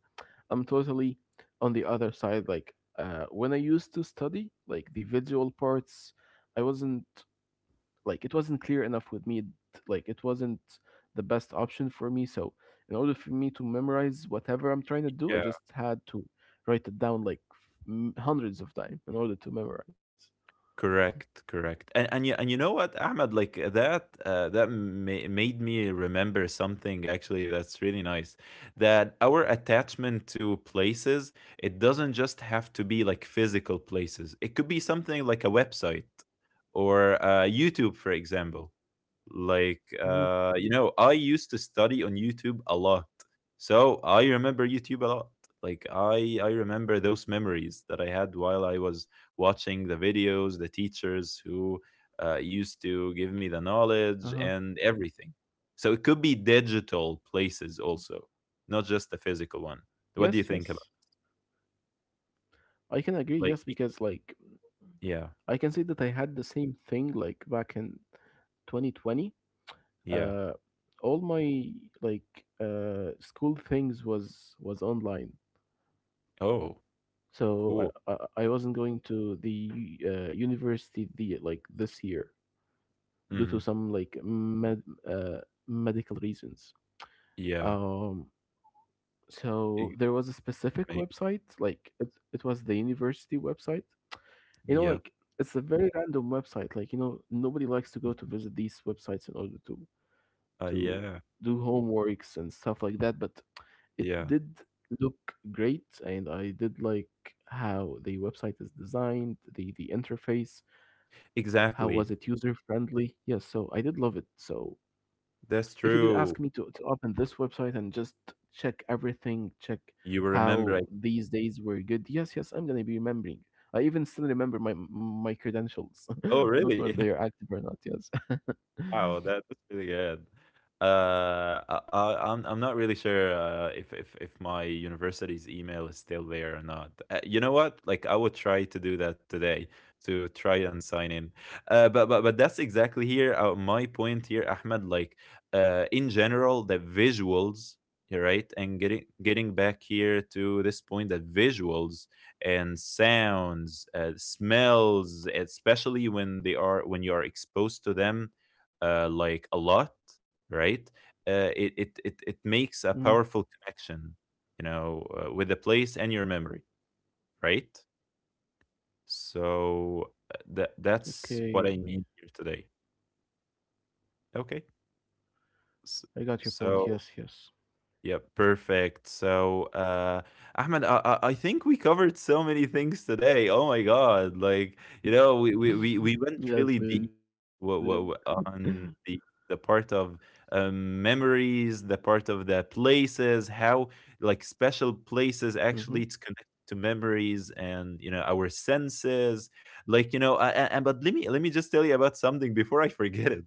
B: I'm totally on the other side. When I used to study, like the visual parts, I wasn't like it wasn't clear enough with me. Like, it wasn't the best option for me. So, in order for me to memorize whatever I'm trying to do, I
A: Yeah.
B: just had to write it down like hundreds of times in order to memorize.
A: Correct. Correct. And and you know what, Ahmed? Like that that ma- made me remember something actually that's really nice. That our attachment to places, it doesn't just have to be like physical places. It could be something like a website, or YouTube, for example. Like,
B: Mhm.
A: you know, I used to study on YouTube a lot. So I remember YouTube a lot. Like, I remember those memories that I had while I was watching the videos, the teachers who used to
B: Uh-huh.
A: give me the knowledge and everything. So it could be digital places also, not just the physical one.
B: Yes,
A: What do you
B: yes.
A: think about
B: I can agree, yes,
A: like,
B: because like
A: yeah,
B: I can say that I had the same thing like back in 2020.
A: yeah.
B: Uh all my like school things was online.
A: Oh,
B: So
A: cool.
B: I wasn't going to the university the like this year due to
A: Hmm.
B: some like uh medical reasons.
A: Yeah.
B: Um so
A: Ex-
B: there was a specific
A: ma-
B: website like it was the university website. You know,
A: Yeah.
B: like it's a very random website. Like, you know, nobody likes to go to visit these websites in order to
A: Yeah,
B: do homeworks and stuff like that, but it
A: yeah,
B: did look great and I did like how the website is designed, the interface, how was
A: exactly.
B: it user friendly? Yes, so I did love it. So
A: That's
B: if you did ask
A: true.
B: me to open this website and just check everything, check
A: You remember,
B: how
A: like,
B: these days were good, yes, yes, I'm gonna be remembering. I even still remember my credentials. I
A: oh,
B: don't know if
A: really?
B: they are active or not. Yes.
A: Wow, that that's really good. I'm not really sure if my university's email is still there or not. You know what? Like I would try to do that today, to try and sign in. But that's exactly here, my point here, Ahmed. Like in general, the visuals, you're right, and getting back here to this point that visuals and sounds, smells, especially when they are when you are exposed to them, like a lot, right?
B: Mm,
A: It makes a powerful connection, you know, with the place and your memory, right? So that
B: okay,
A: that's what I mean here today. Okay.
B: I
A: So,
B: got your point. Yes,
A: so,
B: yes,
A: yeah, perfect. So Ahmed, I think we covered so many things today. Oh my God. Like, you know, we
B: yes,
A: went
B: we
A: really
B: did.
A: deep. W w w On the part of, memories, the part of the places, how, like, special
B: Mm-hmm.
A: places actually it's connected to memories and, you know, our senses, like, you know, a and but let me just tell you about something before I forget it.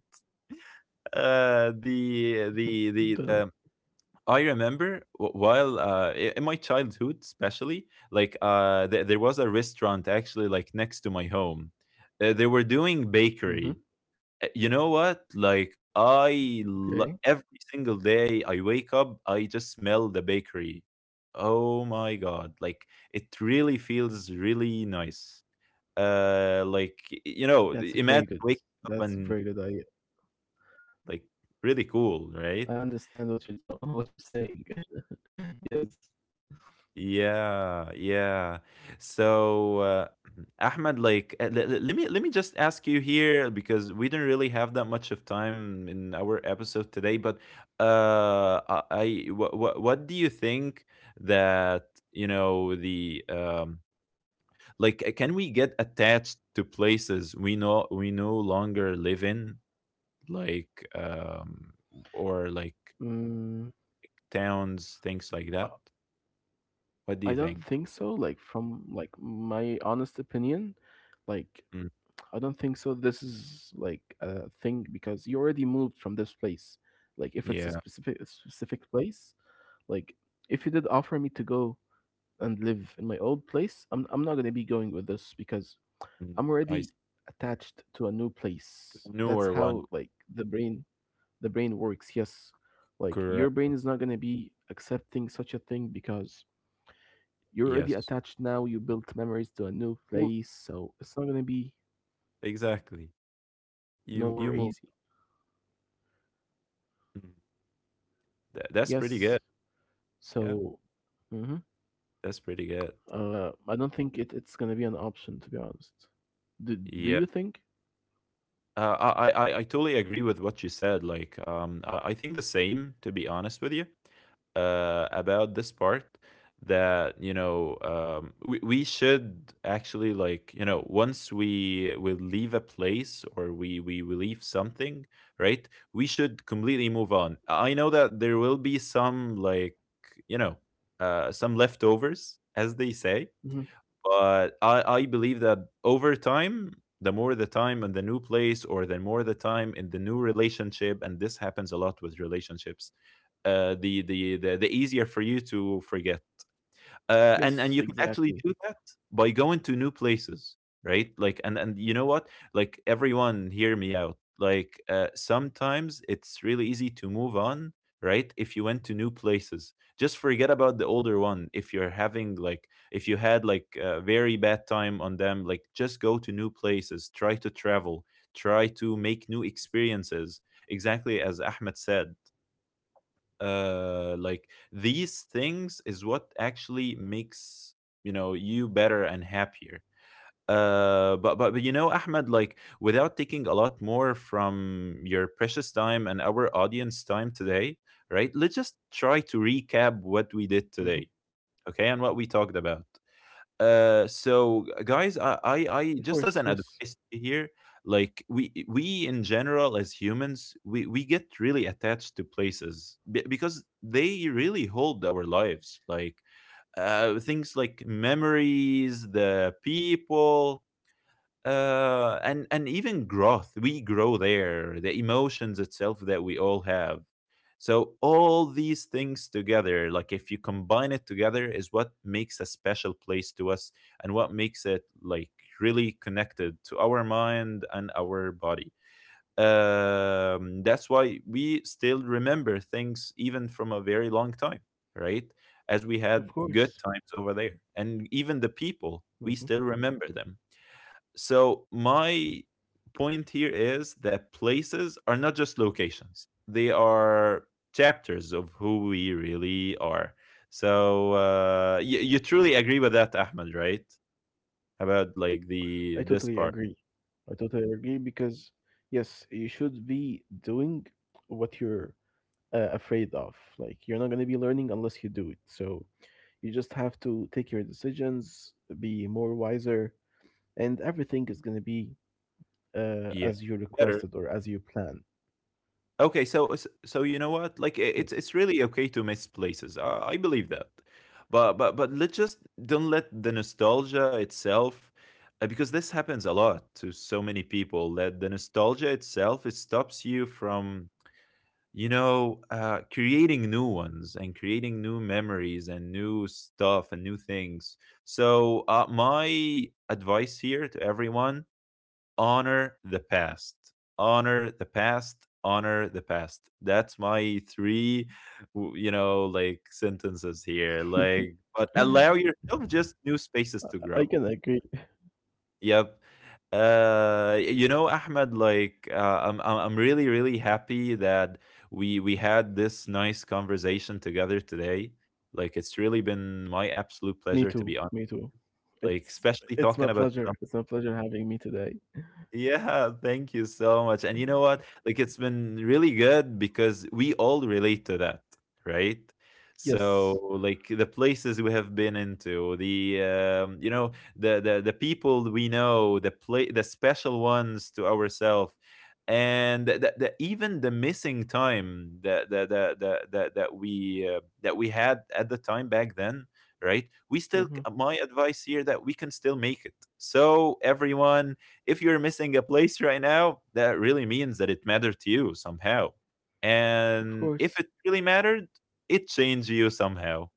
A: Uh,
B: Tell me.
A: the the the, um, I remember w while, I in my childhood especially, like, there there was a restaurant actually, like, next to my home. They were doing
B: Mm-hmm.
A: bakery. You know what? Like
B: Okay,
A: every single day I wake up, I just smell the bakery. Oh my god! Like it really feels really nice.
B: that's
A: Like
B: very good.
A: you know,
B: That's
A: imagine
B: very good.
A: waking up and like
B: I
A: really
B: understand
A: cool,
B: what you're
A: right?
B: tell- what you're saying. Yes.
A: Yeah, yeah. So, Ahmed, like, let me just ask you here because we didn't really have that much of time in our episode today. But, I, what do you think that you know the like can we get attached to places we know we no longer live in, like or like
B: Mm,
A: towns, things like
B: I
A: that? What do
B: I
A: you
B: don't
A: think?
B: think so. Like from like my honest opinion, like
A: Mm,
B: I don't think so. This is like a thing because you already moved from this place. Like if it's
A: yeah.
B: a specific place, like if you did offer me to go and live in my old place, I'm not gonna be going with this because
A: Mm.
B: I'm
A: I.
B: already attached to a new place. That's
A: Newer one,
B: how like the brain works. Yes, like your
A: correct.
B: brain is not gonna be accepting such a thing because you're
A: Yes.
B: already attached now. You built memories to a new
A: Move.
B: place, so it's not gonna be
A: Exactly.
B: nowhere easy.
A: You move. Mm.
B: Yes,
A: That's pretty good.
B: so
A: Yeah,
B: mhm.
A: that's pretty good.
B: I don't think it's gonna be an option to be honest. Do Do you
A: Yeah.
B: think?
A: I totally agree with what you said. Like, I think the same, to be honest with you, about this part that, you know, we should actually like, you know, once we leave a place or we leave something, right? We should completely move on. I know that there will be some you know, some leftovers, as they say,
B: Hmm.
A: but I believe that over time, the more the time in the new place or the more the time in the new relationship, and this happens a lot with relationships, the, the easier for you to forget. And you can
B: Yes,
A: actually do that
B: exactly.
A: by going to new places, right? Like and you know what? Like everyone, hear me out. Sometimes it's really easy to move on, right? If you went to new places, just forget about the older one. If you're having like if you had like a very bad time on them, like just go to new places, try to travel, try to make new experiences. Exactly as Ahmed said, like these things is what actually makes you know you better and happier but ahmed, like without taking a lot more from your precious time and our audience time today, right? Let's just try to
B: Hmm.
A: recap what we did today, okay, and what we talked about.
B: Of course,
A: uh,
B: yes,
A: so guys, I just as an advice here, like we in general as humans, we get really attached to places because they really hold our lives. Things like memories, the people, and even growth, we grow there, the emotions itself that we all have. So all these things together, like if you combine it together, is what makes a special place to us, and what makes it like really connected to our mind and our body. That's why we still remember things even from a very long time, right? As we
B: of
A: had good
B: course.
A: times over there, and even the people we
B: Hmm.
A: still remember them. So my point here is that places are not just locations. They are chapters of who we really are. So you truly agree with that, Ahmed, right? About like
B: I
A: the
B: totally
A: this
B: agree.
A: part.
B: I totally agree because yes, you should be doing what you're afraid of. Like you're not going to be learning unless you do it. So you just have to take your decisions, be more wiser, and everything is going to be
A: Yeah,
B: as you
A: better.
B: requested or as you plan.
A: Okay, so you know what? Like i- it's
B: Yes.
A: it's really okay to miss places. I believe that, but let's just don't let the nostalgia itself, because this happens a lot to so many people, that the nostalgia itself, it stops you from creating new ones and creating new memories and new stuff and new things. So my advice here to everyone: honor the past. Honor the past. Honor the past. That's my three, you know, like, sentences here. Like, but
B: I
A: allow yourself just new spaces to grow.
B: can agree.
A: Yep. You know, Ahmed, like, I'm really, really happy that we had this nice conversation together today. Like, it's really been my absolute
B: Me
A: pleasure to
B: too.
A: be on.
B: Me too.
A: Like,
B: It's
A: especially
B: it's my
A: talking about.
B: pleasure. It's my pleasure having me today.
A: Yeah, thank you so much. And you know what? Like it's been really good because we all relate to that, right? So
B: Yes.
A: like the places we have been into, the you know, the people we know, the special ones to ourselves, and the even the missing time that we that we had at the time back then, right? We still,
B: Hmm.
A: my advice here, that we can still make it. So everyone, if you're missing a place right now, that really means that it mattered to you somehow.
B: Of
A: And if it
B: course.
A: really mattered, it changed you somehow.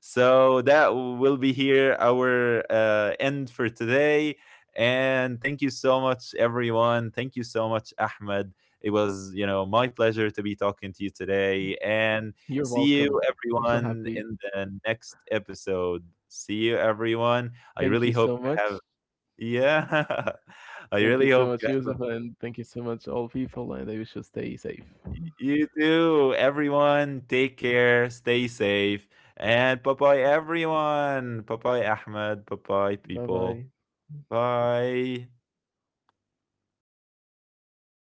A: So that will be here our end for today. And thank you so much, everyone. Thank you so much, Ahmed. It was, you know, my pleasure to be talking to you today. And
B: You're
A: see you,
B: welcome. I'm so
A: everyone, in
B: happy.
A: the next episode. See you, everyone. I really
B: Thank
A: hope
B: you
A: you
B: so
A: have.
B: much.
A: Yeah. I really
B: Thank you
A: hope you
B: so
A: have
B: much,
A: a
B: Yusuf, and thank you so much, all people, and I wish you stay safe.
A: y you too. Everyone, take care, stay safe, and bye-bye, everyone. Bye-bye, Ahmed. Bye-bye, people.
B: Bye bye.
A: Bye.